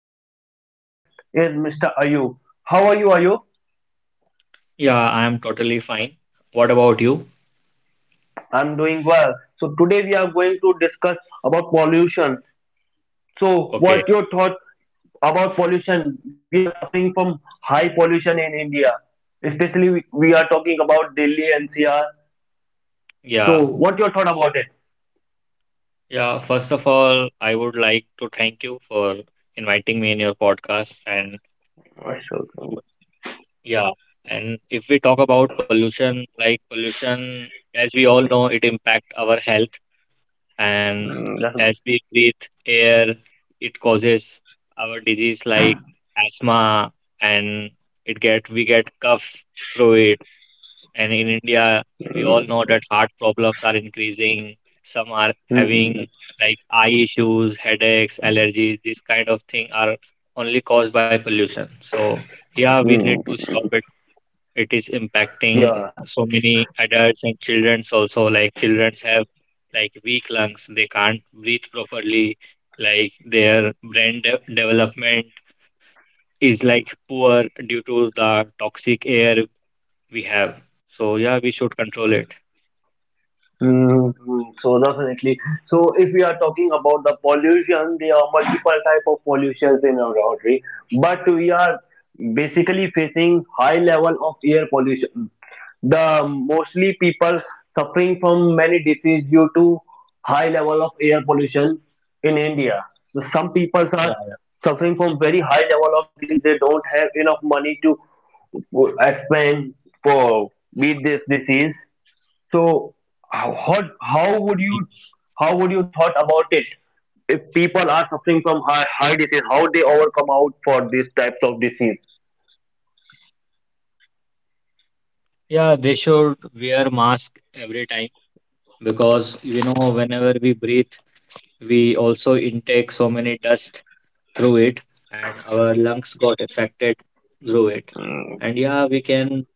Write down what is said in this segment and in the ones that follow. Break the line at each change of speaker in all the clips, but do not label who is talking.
Our today's guest is Mr. Ayub. How are you, Ayub?
Yeah, I am totally fine. What about you?
I'm doing well. So today we are going to discuss about pollution. So what
Okay.
your thought about pollution? We are suffering from high pollution in India. Especially we are talking about Delhi NCR. So
Yeah.
what your thought about it?
Yeah. First of all, I would like to thank you for inviting me in your podcast. And
Right,
w-
so,
yeah. And if we talk about pollution, like pollution, as we all know, it impact our health. And
Mm, that's-
as we breathe air, it causes our disease like asthma and it get we get cough through it. And in India, we all know
mm,
that heart problems are increasing. Some are
mm,
having
mm,
like eye issues, headaches, allergies. This kind of thing are only caused by pollution. So yeah, we need to stop
mm.
it. It is impacting
Yeah.
so many adults and childrens also. Like childrens have like weak lungs. They can't breathe properly. Like their brain de development is like poor due to the toxic air we have. So yeah, we should control it.
So definitely. So if we are talking about the pollution, there are multiple type of pollutions in our country, but we are basically facing high level of air pollution. The mostly people suffering from many diseases due to high level of air pollution in India. So some
Yeah,
people are
it's-
suffering from very high level of disease. They don't have enough money to expand for beat this disease so how would you how would you thought about it if people are suffering from high disease? How they overcome out for these types of disease?
yeah, they should wear mask every time because you know whenever we breathe, we also intake so many dust through it, and our lungs got affected through it.
Mm,
And yeah, we can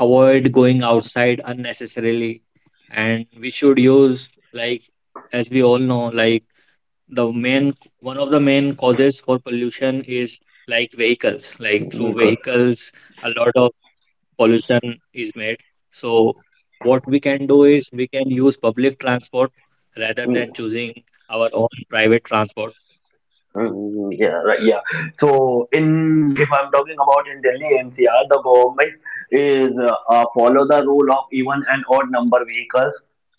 avoid going outside unnecessarily, and we should use like, as we all know, like the main one of the main causes for pollution is like vehicles, like through
Milkar.
vehicles, a lot of pollution is made. So what we can do is we can use public transport rather than choosing our own private transport.
Mm, yeah, right, yeah. So in if I'm talking about in Delhi NCR, the government is follow the rule of even and odd number vehicles.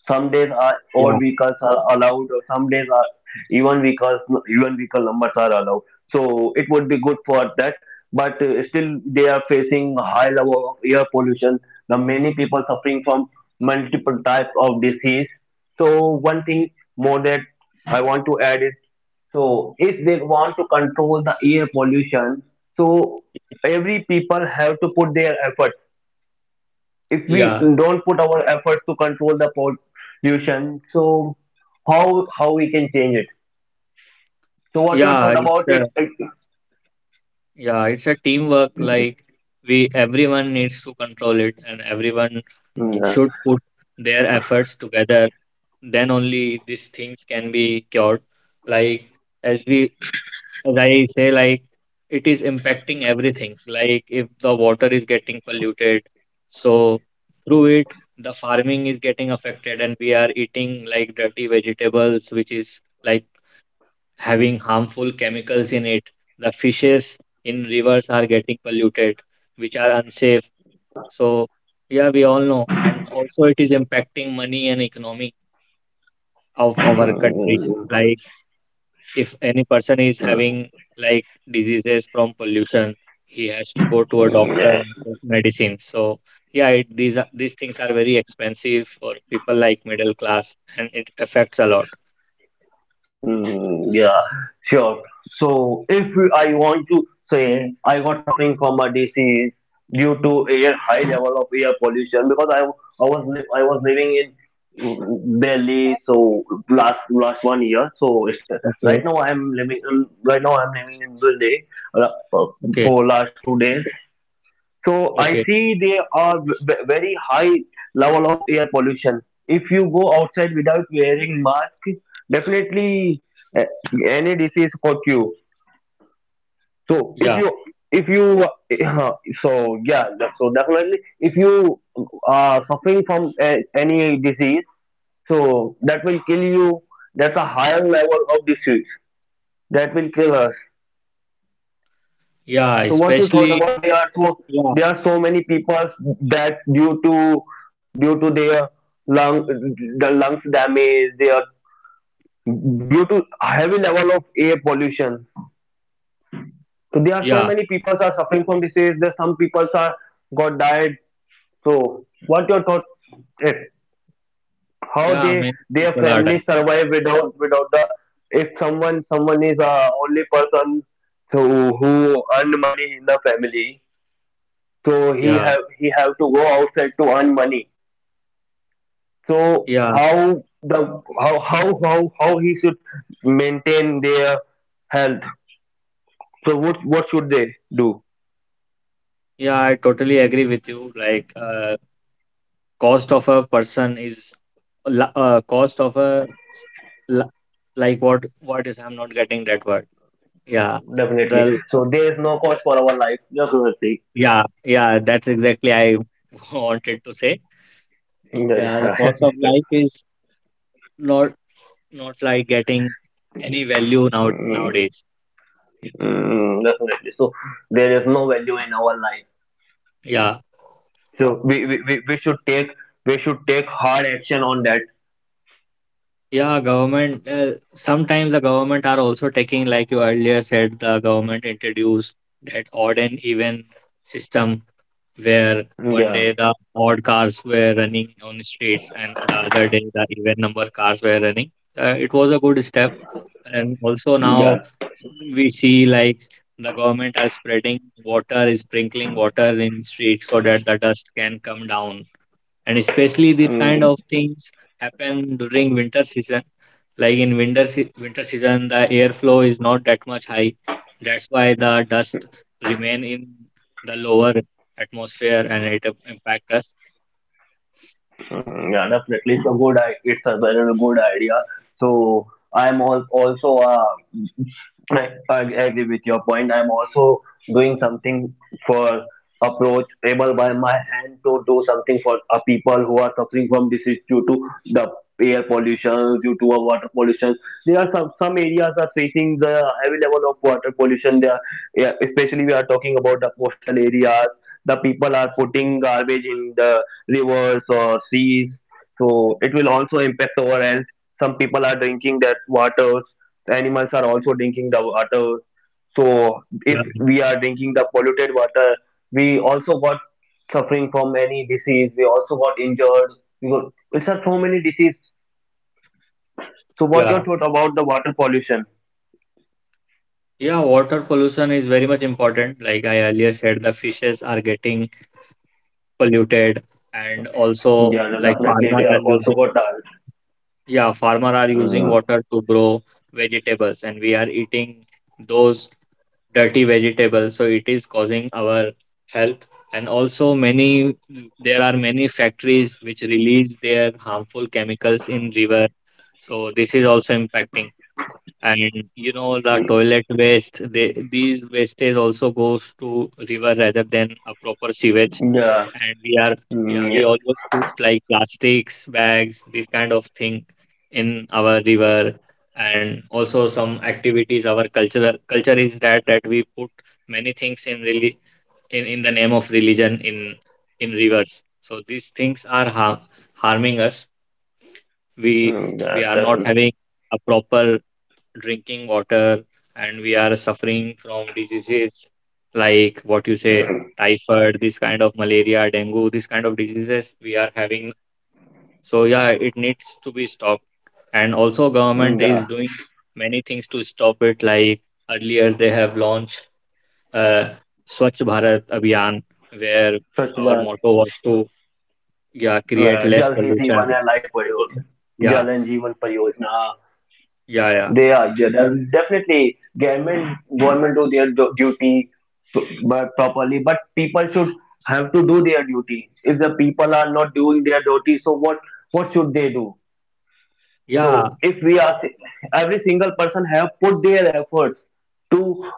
Some days are odd
Yeah,
vehicles are allowed, or some days are even vehicles even vehicle numbers are allowed. So it would be good for that. But still, they are facing high level of air pollution. The many people suffering from multiple types of disease. So one thing more that I want to add is so if they want to control the air pollution, so every people have to put their efforts. If we
yeah,
don't put our efforts to control the pollution, so how we can change it? So what your
yeah.
thought
It's
about it?
a Yeah, it's a teamwork.
Yeah.
Like we everyone needs to control it, and everyone
Mm.
should put their efforts together. Then only these things can be cured. Like as we as I say, like it is impacting everything. Like if the water is getting polluted, so through it, the farming is getting affected, and we are eating like dirty vegetables, which is like having harmful chemicals in it. The fishes in rivers are getting polluted, which are unsafe. So, yeah, we all know. And also, it is impacting money and economy of our country. Like if any person is
Mm.
having like diseases from pollution, he has to go to a doctor and
Mm.
take medicine. So yeah, these things are very expensive for people like middle class, and it affects a lot.
Mm, yeah, sure. So if I want to say I got suffering from a disease due to air high level of air pollution because I was living in Delhi so last 1 year so it's,
Okay.
right now I am living right now I am living in Delhi uh,
Okay.
for last 2 days so I
Okay.
see very high level of air pollution. If you go outside without wearing mask, definitely uh, any disease caught you. So
Yeah.
if you uh, so yeah that- so definitely if you are suffering from any disease, so that will kill you. That's a higher level of disease that will kill us.
Yeah.
So what you thought
Especially.
about
Yeah.
there are so many people that due to their lung the lungs damage they are due to heavy level of air pollution. So there are so
Yeah.
many people are suffering from disease. There some people are got died. So what your thought? It how
Yeah.
they
Many
their
people are
family
dying.
survive without the if someone is a only person who earn money in the family so
Yeah.
he have to go outside to earn money so
Yeah.
how the how he should maintain their health so what should they do
Yeah, I totally agree with you. Like, cost of a person is, cost of a la- like what is, I'm not getting that word. Yeah,
definitely
the
so there is no cost for our life definitely.
yeah, yeah, that's exactly I wanted to say.
Yeah,
Yeah, the
yeah.
cost of life is not, not like getting any value now
Mm,
nowadays.
mm, definitely so there is no value in our life
Yeah,
so we should take hard action on that.
yeah, government sometimes the government are also taking, like you earlier said, the government introduced that odd and even system where one
Yeah,
day the odd cars were running on the streets and the other day the even number cars were running. It was a good step. And also now
yeah.
we see like the government are spreading water, is sprinkling water in streets so that the dust can come down. And especially these kind
Mm,
of things happen during winter season, like in winter season, the airflow is not that much high. That's why the dust remain in the lower atmosphere and it impact us.
mm, yeah, definitely. It's a it's a very good idea. So I agree with your point. I'm also doing something for approachable by my hand to do something for people who are suffering from disease due to the air pollution, due to water pollution. There are some areas are facing the heavy level of water pollution. There, yeah, especially we are talking about the coastal areas. The people are putting garbage in the rivers or seas. So it will also impact our health. Some people are drinking that water. Animals are also drinking the water. So
Yeah.
if we are drinking the polluted water, we also got suffering from any disease. We also got injured. You know, it's are so many diseases. So what your
Yeah.
thought about the water pollution?
Yeah, water pollution is very much important. Like I earlier said, the fishes are getting polluted, and also
Yeah, no,
like
definitely.
farmer
They are
are
also
using
got that.
yeah, farmer are using
Mm,
water to grow vegetables, and we are eating those dirty vegetables, so it is causing our health. And also many there are many factories which release their harmful chemicals in river, so this is also impacting. And you know the toilet waste, these wastage also goes to river rather than a proper sewage.
yeah.
And we are yeah,
Mm, yeah.
we always put like plastics bags, this kind of thing in our river. And also some activities, our culture is that we put many things in really, in the name of religion, in rivers. So these things are harming us. we
Mm,
we are
yeah.
not
Definitely.
having a proper drinking water, and we are suffering from diseases like what you say, typhoid, this kind of, malaria, dengue, this kind of diseases we are having. So yeah, it needs to be stopped. And also government
Mm,
is
yeah.
doing many things to stop it. Like earlier they have launched uh, Swachh Bharat Abhiyan, where
Such
our
bad.
motto was to yeah create less
Jal Hi Jeevan
pollution.
and Life Pariyojana,
Yeah.
Jal and Jeevan Pariyojana.
Yeah. Yeah.
They are definitely government do their duty but properly, but people should have to do their duty. If the people are not doing their duty, so what should they do?
Yeah.
So if we are every single person have put their efforts to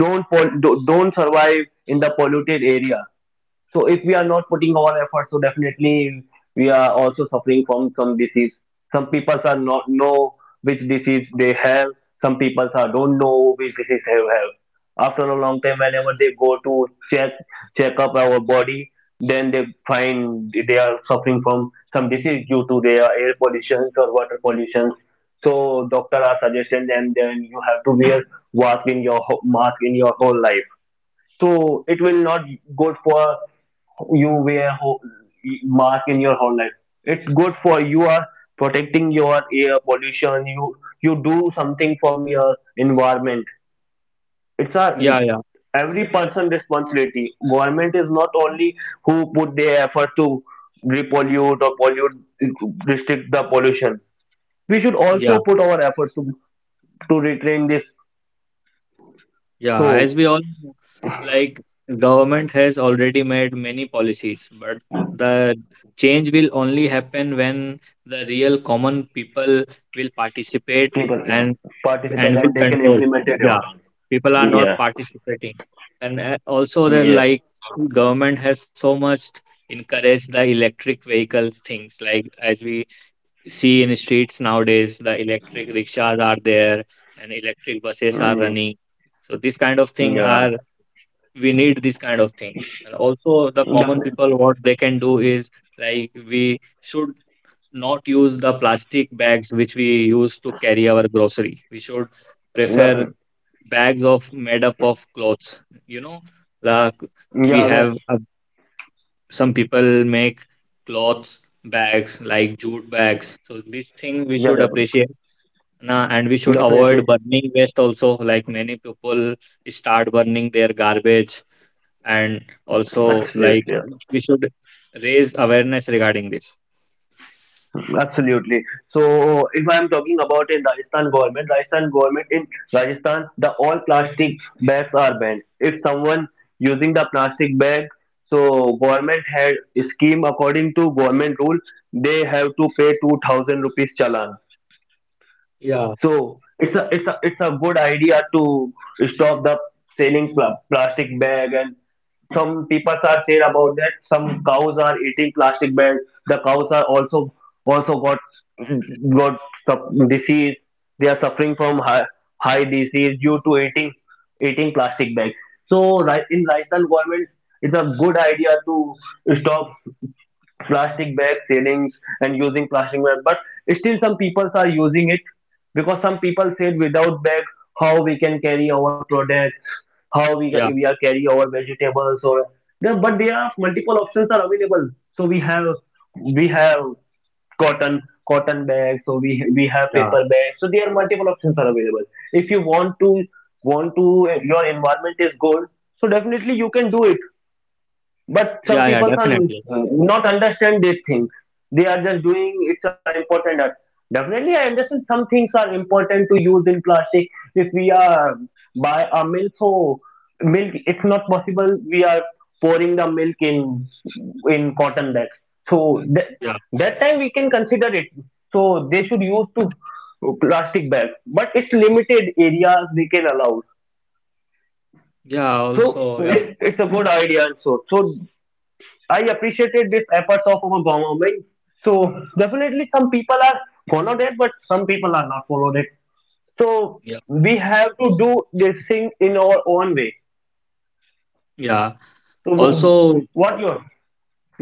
don't survive in the polluted area so if we are not putting our efforts, so definitely we are also suffering from some disease. Some people are not know which disease they have. Some people are don't know which disease they have. After a long time, whenever they go to check check up our body, then they find they are suffering from some disease due to their air pollution or water pollution. So doctor are suggesting them then you have to wear mask in your whole life so it will not good for you wear mask in your whole life. It's good for you are protecting your air pollution. You do something from your environment. It's a
Yeah. Yeah.
every person responsibility. Government is not only who put their effort to repollute or pollute restrict the pollution. We should also
Yeah.
put our efforts to retrain this
Yeah, as
so
we all know, like government has already made many policies, but the change will only happen when the real common people will participate
people can
and and
participate
will
and they can
control.
implement it.
Yeah,
Implemented
people are
it.
not
Yeah.
participating, and also the,
Yeah.
like government has so much encouraged the electric vehicle things, like as we see in streets nowadays. The electric rickshaws are there and electric buses are
Mm,
running. So this kind of thing
yeah,
are we need these kind of things. And also the common
definitely.
people, what they can do is like we should not use the plastic bags which we use to carry our grocery. We should prefer
Definitely.
bags of made up of clothes. You know, like we
Yeah, that's,
have a some people make clothes bags like jute bags, so this thing we
yeah,
should
definitely.
appreciate na. And we should avoid
Definitely.
burning waste also, like many people start burning their garbage. And also like
Absolutely. Yeah.
we should raise awareness regarding this.
Absolutely. So, if I'm talking about in Rajasthan government in Rajasthan, the all plastic bags are banned. If someone using the plastic bag, so government had scheme according to government rule, they have to pay 2,000 rupees challan.
Yeah,
So it's a good idea to stop the selling plastic bag and some people are saying about that some cows are eating plastic bags. The cows are also also got got disease. They are suffering from high disease due to eating plastic bags so right in lifestyle government it's a good idea to stop plastic bag ceilings and using plastic bag but still some people are using it because some people said without bag how we can carry our products how
yeah,
we are carry our vegetables or but there are multiple options are available so we have cotton cotton bags so we have
yeah,
paper bags so there are multiple options are available if you want to your environment is good so definitely you can do it but some
yeah, yeah
people are
definitely,
not understand these things. They are just doing it's an important art. Definitely I understand some things are important to use in plastic if we are buy a milk so milk it's not possible we are pouring the milk in cotton bags so that,
yeah,
that time we can consider it so they should use to plastic bags but it's limited areas they can allow.
yeah,
So
also, yeah,
it's a good idea and so so I appreciated this efforts of our government. So definitely some people are followed it, but some people are not followed it. So
yeah,
we have to do this thing in our own way.
yeah,
So w-
also.
what your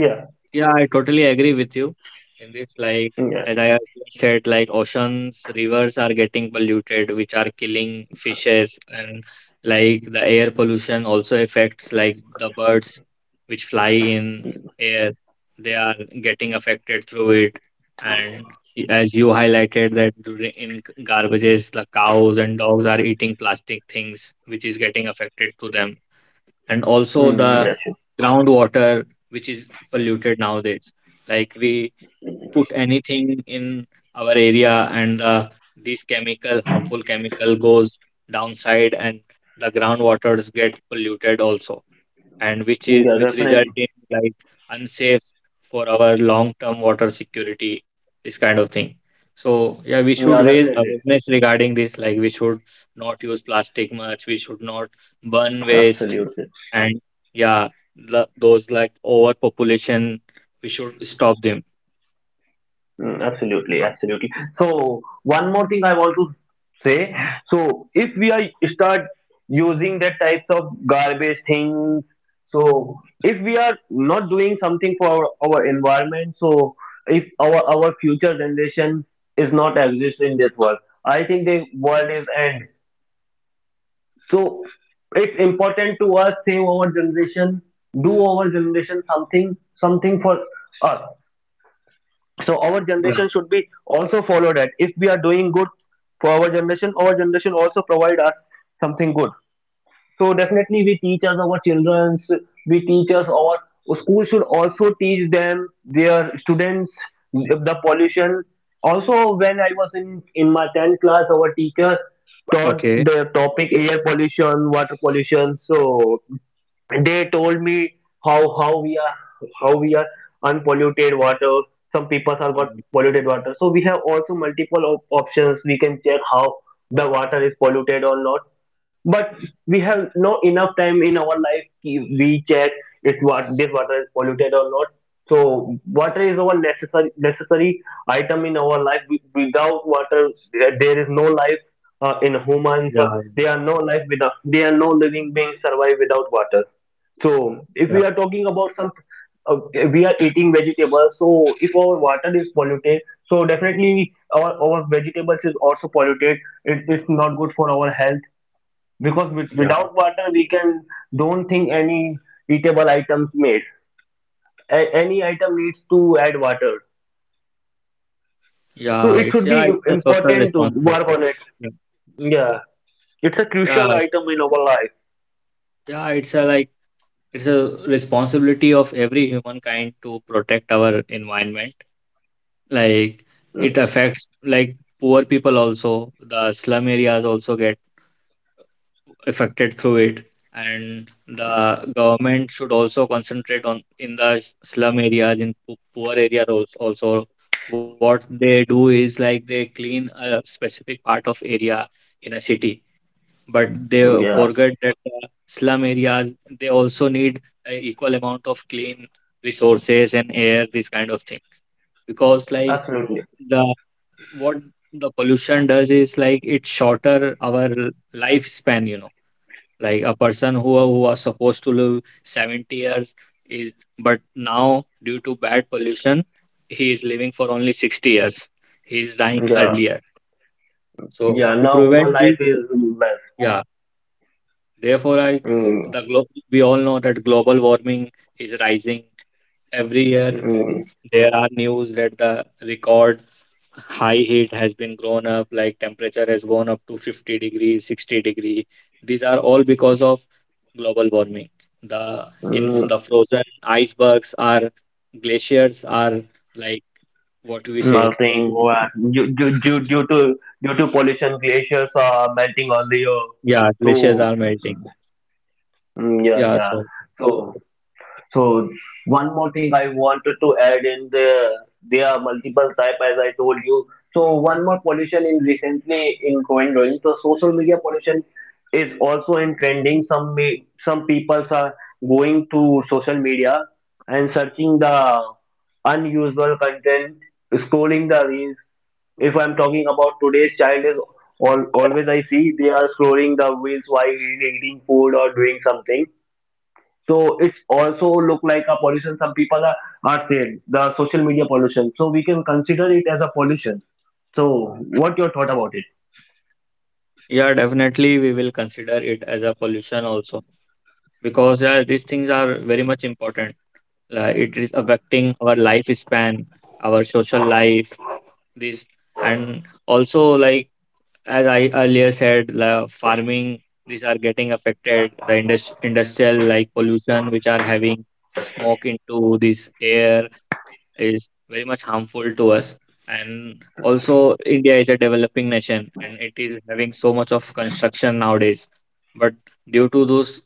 Yeah,
Yeah, I totally agree with you in this. Like,
yeah,
as I earlier said, like oceans, rivers are getting polluted, which are killing fishes. And like the air pollution also affects like the birds which fly in air. They are getting affected through it. And as you highlighted that during in garbages, the cows and dogs are eating plastic things, which is getting affected to them. And also
mm,
the
yeah, sure.
groundwater which is polluted nowadays, like we put anything in our area, and these chemical harmful chemical goes downside, and the groundwaters get polluted also. And which is,
Yeah,
which result
definitely,
in like unsafe for our long term water security, this kind of thing. So yeah, we
yeah,
should raise
definitely,
awareness regarding this. Like we should not use plastic much, we should not burn waste.
absolutely.
And yeah, those like overpopulation, we should stop them.
Mm, absolutely, absolutely. So one more thing I want to say. So if we are start using that types of garbage things so if we are not doing something for our environment so if our future generation is not exist in this world I think the world is end so it's important to us save our generation do our generation something something for us so our
Yeah.
generation should be also follow that if we are doing good for our generation also provide us something good so definitely we teach us our children we teach us our school should also teach them their students the pollution also when I was in my 10th class our teacher taught
Okay.
the topic air pollution water pollution so they told me how we are how we are unpolluted water. Some people have got
Mm,
polluted water so we have also multiple options we can check how the water is polluted or not but we have no enough time in our life ki we check if what this water is polluted or not so water is our necessary item in our life. Without water there is no life in humans or
yeah,
they are no life without they are no living beings survive without water. So if we
yeah,
are talking about some, uh, we are eating vegetables. So if our water is polluted, so definitely our vegetables is also polluted. It's not good for our health because
yeah,
without water we can don't think any eatable items made. Any item needs to add water. So
yeah,
it
it's,
should
yeah,
be
it's a social
important to work
responsibility.
on it.
Yeah,
Yeah, it's a
yeah,
crucial item in our life.
yeah, it's a like, it's a responsibility of every humankind to protect our environment. Like it affects like poor people also, the slum areas also get affected through it. And the government should also concentrate on in the slum areas, in poor areas also. Also what they do is like they clean a specific part of area in a city, but they
Mm, yeah,
forget that the slum areas, they also need a equal amount of clean resources and air, this kind of thing. Because like
absolutely.
the what the pollution does is like it shorter our lifespan, you know. Like a person who was supposed to live 70 years is, but now due to bad pollution he is living for only 60 years, he is dying
Yeah,
earlier. So
yeah.
to
Now
prevent
human
it,
life is
yeah, therefore I
less.
the glo- we all know that global warming is rising every year.
Mm,
There are news that the record high heat has been grown up, like temperature has gone up to 50 degrees, 60 degree. These are all because of global warming. The In
mm,
the frozen icebergs are, glaciers are, like what we say,
Melting due to pollution, glaciers are melting on the earth.
yeah, glaciers
So
are melting.
mm, yeah,
Yeah,
yeah.
so
So so one more thing I wanted to add in the there are multiple type as I told you. So one more pollution in recently in going. So social media pollution is also in trending. Some people are going to social media and searching the unusual content, scrolling the reels. If I'm talking about today's child is all, always I see they are scrolling the reels while eating food or doing something, so it's also look like a pollution. Are saying the social media pollution. So we can consider it as a pollution. So what your thought about it?
yeah, definitely we will consider it as a pollution also, because yeah these things are very much important. Like it is affecting our lifespan, our social life, this. And also like as I earlier said, the farming, these are getting affected, the industrial like pollution, which are having the smoke into this air, is very much harmful to us. And also, India is a developing nation and it is having so much of construction nowadays. But due to those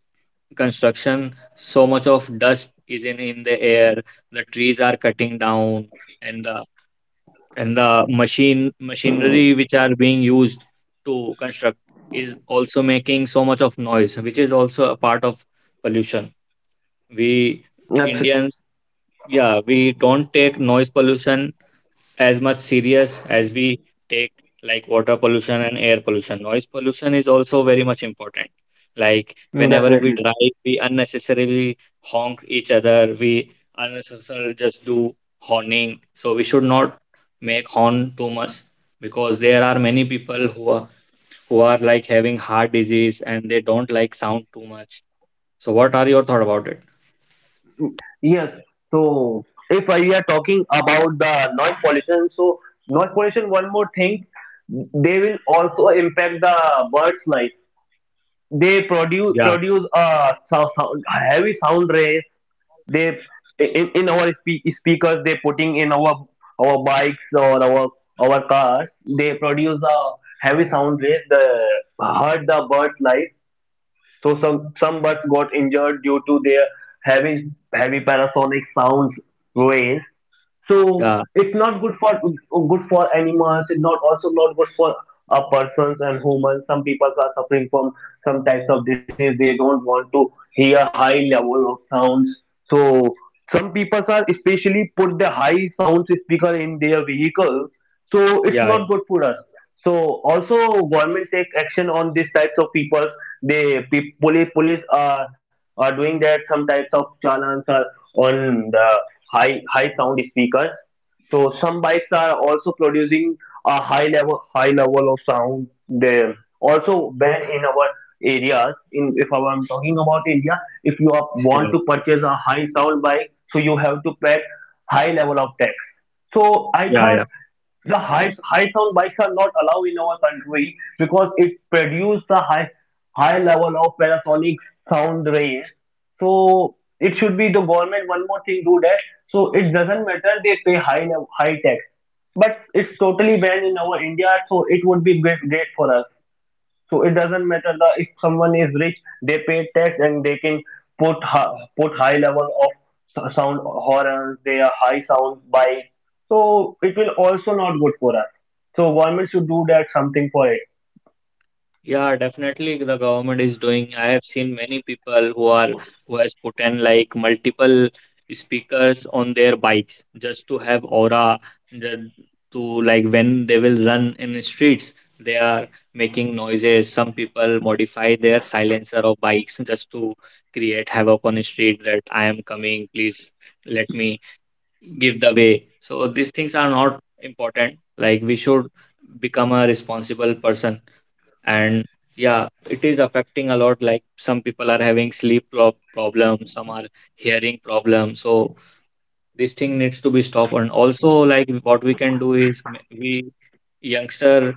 construction, so much of dust is in the air, the trees are cutting down, and the
Mm.
machinery which are being used to construct is also making so much of noise, which is also a part of pollution. We
That's
indians, yeah, we don't take noise pollution as much serious as we take like water pollution and air pollution. Noise pollution is also very much important. Like
mm,
whenever we
definitely
drive, we unnecessarily honk each other, we unnecessarily just do horning. So we should not make horn too much, because there are many people who are, who are like having heart disease and they don't like sound too much. So what are your thought about it?
yes. So if we are talking about the noise pollution, so noise pollution. One more thing, they will also impact the birds' life. They produce
Yeah,
produce a sound, heavy sound rays they in our speakers they putting in our bikes or our cars, they produce a heavy sound waves that hurt the birds life. So some birds got injured due to their heavy heavy parasonic sounds waves. So
yeah,
it's not good for good for animals, it's not also not good for persons and humans. Some people are suffering from some types of disease, they don't want to hear high level of sounds. So some people are especially put the high sound speaker in their vehicles, so it's
yeah,
not good for us. So also government take action on these types of people. They police are doing that some types of challans are on the high sound speakers. So some bikes are also producing a high level of sound. They also when in our areas, in if I am talking about India, if you are, want to purchase a high sound bike, so you have to pay high level of tax. So I
yeah,
thought
yeah.
the high sound bikes are not allowed in our country because it produces the high high level of Panasonic sound range. So it should be the government one more thing do that. So it doesn't matter they pay high high tax, but it's totally banned in our India. So it would be great for us. So it doesn't matter that if someone is rich, they pay tax and they can put put high level of sound horrors. They are high sound bike. So it will also not good for us. So government should do that something for it.
Yeah, definitely the government is doing. I have seen many people who has put in like multiple speakers on their bikes just to have aura the- to like when they will run in the streets, they are making noises. Some people modify their silencer of bikes just to create havoc on the street that I am coming, please let me give the way. So these things are not important. Like we should become a responsible person. And yeah, it is affecting a lot. Like some people are having sleep problems, some are hearing problems. So this thing needs to be stopped. And also, like, what we can do is we youngster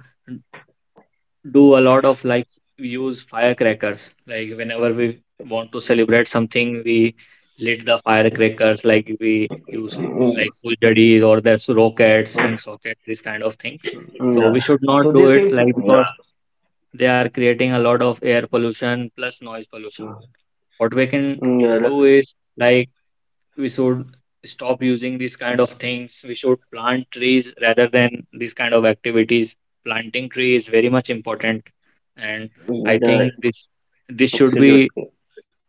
do a lot of like use firecrackers. Like whenever we want to celebrate something, we lit the firecrackers. Like we use
Mm,
like fuljaris or there's rockets and socket, this kind of thing.
mm,
So
yeah.
we should not
So
do
this
it
is
like
yeah.
because they are creating a lot of air pollution plus noise pollution. What we can
Mm, yeah,
do
that
is like we should stop using these kind of things. We should plant trees rather than these kind of activities. Planting tree is very much important. And
mm,
I think
yeah.
this should be
Absolutely.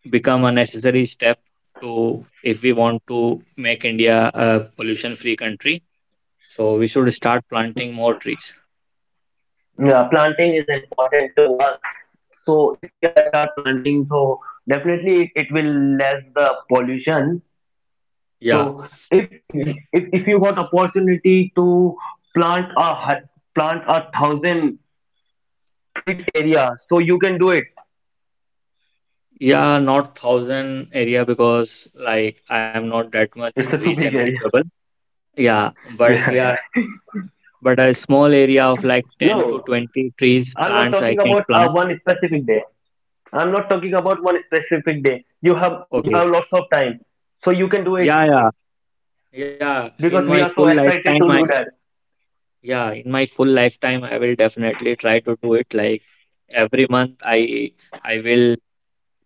become a necessary step to if we want to make India a pollution free country. So we should start planting more trees.
Yeah, planting is important to us. So if we are start planting, so definitely it will less the pollution. So
Yeah.
if yeah. If you got opportunity to plant a plant a thousand feet area, so you can do it.
Yeah, not thousand area because like I am not that much
It's a
rich
too
and
big area.
capable. Yeah, but
Yeah,
yeah,
yeah.
but a small area of like 10
No,
to 20 trees,
I'm not
plants I
talking
can
about
plant.
one specific day. I'm not talking about one specific day. You
Okay.
have lots of time, so you can do it
Yeah, yeah, yeah. In
because
my
we are
full
so
lifetime,
excited
I
to do that.
yeah, in my full lifetime, I will definitely try to do it. Like every month, I will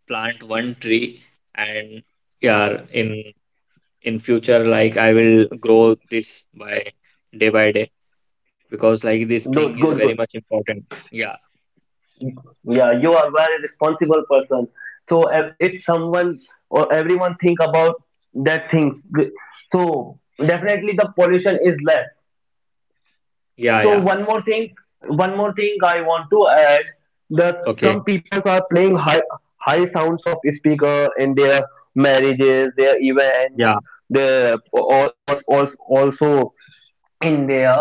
plant one tree. And yeah, in future, like I will grow this by day by day. Because like this thing
Good,
is
good, good.
very much important. Yeah,
Yeah, you are very responsible person. So if someone or everyone think about that things, th- so definitely the pollution is less.
yeah,
So
yeah.
one more thing I want to add that
Okay.
some people are playing high sounds of speaker in their marriages, their events,
Yeah,
their also in there.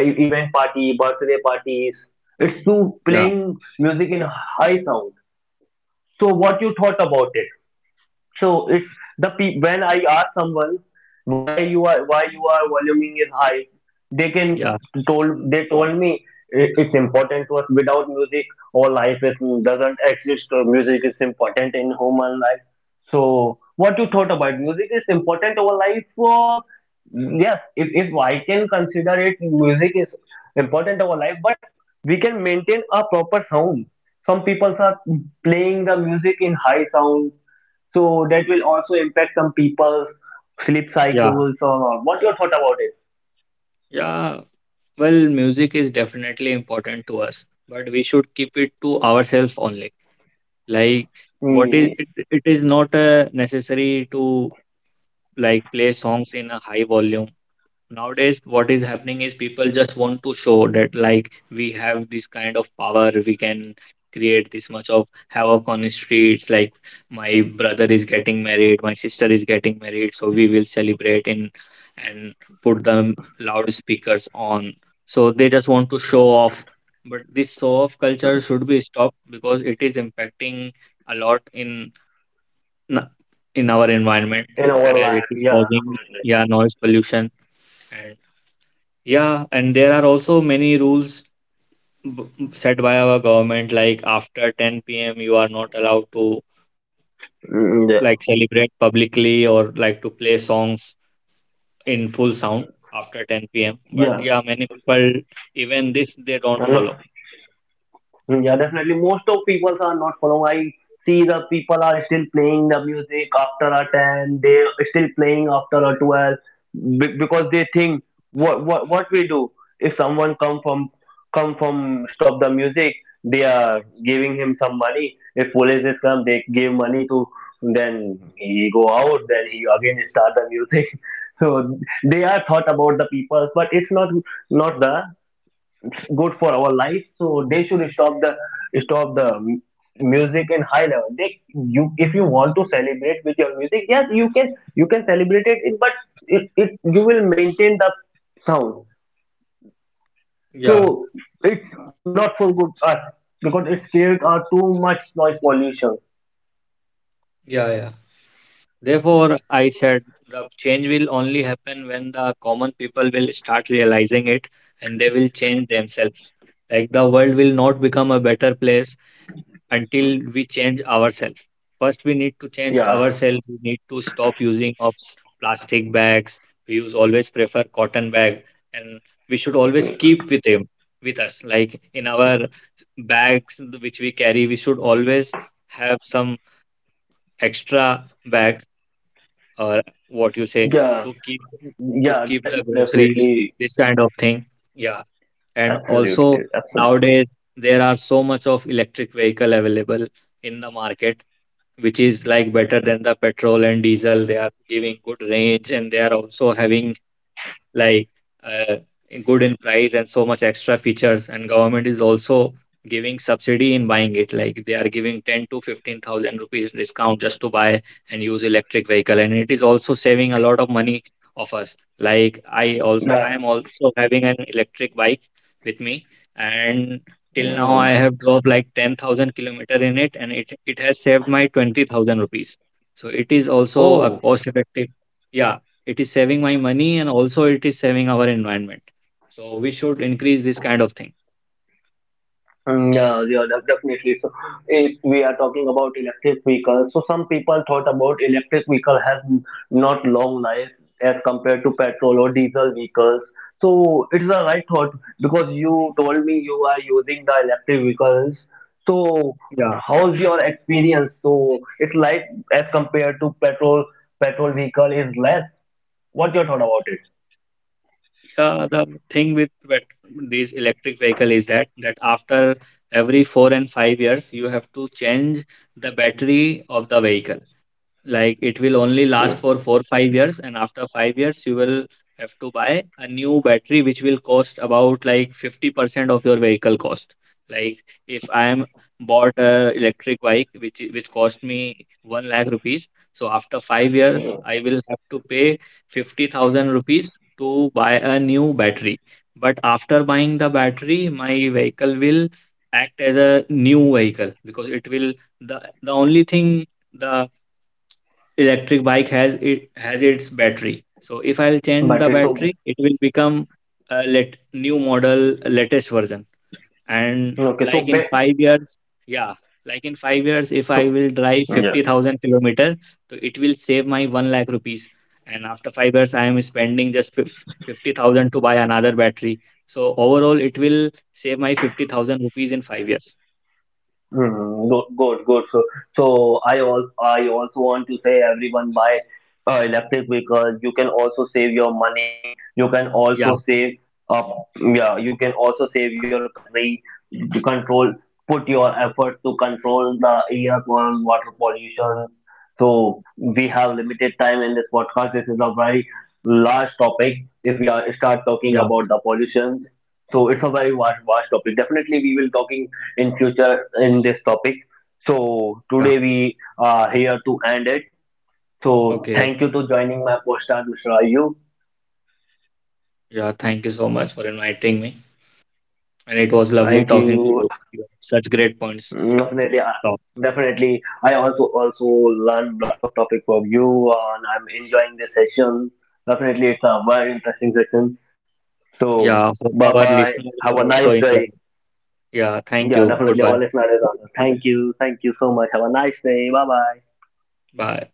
Event party, birthday parties. It's to
yeah,
playing music in high sound. So what you thought about it? So it's the pe- when I ask someone, "Why you are voluming is high?" They can
yeah,
told they told me, "I- "it's important to us. Without music, our life is, doesn't exist. So music is important in human life." So what you thought about music is important over life for yes, if I can consider it music is important over life but we can maintain a proper sound. Some people are playing the music in high sound, so that will also impact some people's sleep
yeah,
cycles or not. What's your thought about it?
yeah. Well, music is definitely important to us, but we should keep it to ourselves only. Like, what is
Mm.
it is not necessary to like play songs in a high volume. Nowadays what is happening is people just want to show that like we have this kind of power. We can create this much of havoc on the streets. Like, my brother is getting married, my sister is getting married, so we will celebrate in and put them loudspeakers on. So they just want to show off. But this show off culture should be stopped because it is impacting a lot in our environment,
In our
as it
life,
is
yeah,
causing,
definitely.
yeah, noise pollution. Yeah, and there are also many rules set by our government, like after 10 p.m., you are not allowed to
Mm, yeah.
like celebrate publicly or like to play songs in full sound after 10 p.m. But
Yeah,
yeah, many people, even this, they don't
I
follow.
know. Hmm, yeah, definitely. Most of people are not following. I see the people are still playing the music after a 10, they still playing after a 12 because they think what we do if someone come from stop the music, they are giving him some money. If police is come, they give money to then he go out then he again start the music. So they are thought about the people but it's not not the good for our life, so they should stop the mu- music in high level. They you if you want to celebrate with your music, yes you can celebrate it. But it you will maintain the sound.
Yeah,
So it's not for good us because it's create too much noise pollution.
yeah, yeah. Therefore, I said the change will only happen when the common people will start realizing it and they will change themselves. Like the world will not become a better place until we change ourselves. First, we need to change
Yeah,
ourselves. We need to stop using of plastic bags. We use always prefer cotton bag, and we should always keep with him with us. Like in our bags which we carry, we should always have some extra bags, or what you say,
yeah,
to keep to
yeah,
keep the groceries.
definitely.
This kind of thing. Yeah, and
Absolutely,
also
absolutely.
nowadays there are so much of electric vehicle available in the market, which is like better than the petrol and diesel. They are giving good range and they are also having like uh, good in price and so much extra features. And government is also giving subsidy in buying it like they are giving 10 to 15 thousand rupees discount just to buy and use electric vehicle. And it is also saving a lot of money of us. Like i also
Like,
i
yeah.
am also having an electric bike with me. And till now I
Mm.
have drove like 10,000 kilometer in it, and it has saved my 20,000 rupees. So it is also a
Oh.
cost effective. Yeah, it is saving my money and also it is saving our environment. So we should increase this kind of thing.
Mm, yeah, yeah, definitely. So, if we are talking about electric vehicles, so some people thought about electric vehicle has not long life as compared to petrol or diesel vehicles. So it's a right thought because you told me you are using the electric vehicles. So
Yeah.
how's your experience? So it's like as compared to petrol, petrol vehicle is less. What your thought about
Yeah, the thing with these electric vehicle is that after every 4 and 5 years you have to change the battery of the vehicle. Like it will only last for 4 5 years, and after 5 years you will have to buy a new battery which will cost about like 50% of your vehicle cost. Like if I am bought a electric bike which cost me 1 lakh rupees. So after 5 years
it?
I will have to pay 50,000 rupees to buy a new battery. But after buying the battery my vehicle will act as a new vehicle because it will, the only thing the electric bike has, it has its battery. So if I'll change
But
the
it's so
battery, it will become a let new model, latest version. And
okay. So
like in
ba-
5 years, yeah, like in 5 years, if I
so.
will drive 50,000 kilometer, so it will save my 1 lakh rupees. And after 5 years, I am spending just 50,000 to buy another battery. So overall, it will save my 50,000 rupees in 5 years.
Mm, good, good, good. So, so I also want to say everyone buy electric because you can also save your money. You can also
Yeah,
save uh, yeah. You can also save your country. To control, put your effort to control the air pollution, water pollution. So we have limited time in this podcast. This is a very large topic. If we are start talking
yeah,
about the pollutions, so it's a very vast topic. Definitely, we will talking in future in this topic. So
yeah.
today we are here to end it. So
Okay.
thank you to joining my podcast, Mr. Ayub.
Yeah, thank you so much for inviting me. And it was lovely
Thank
talking to
you.
you. You have such great points
Mm,
to
definitely,
talk.
definitely. I also learned lots of topic from you, and I'm enjoying this session. Definitely, it's a very interesting session. So
Yeah,
bye
hope our
bye.
listeners
Have a
also
nice
enjoy.
day.
Yeah, thank
Yeah,
you.
definitely.
Goodbye.
Our listener is on. Thank you. Thank you so much. Have a nice day. Bye bye.
Bye.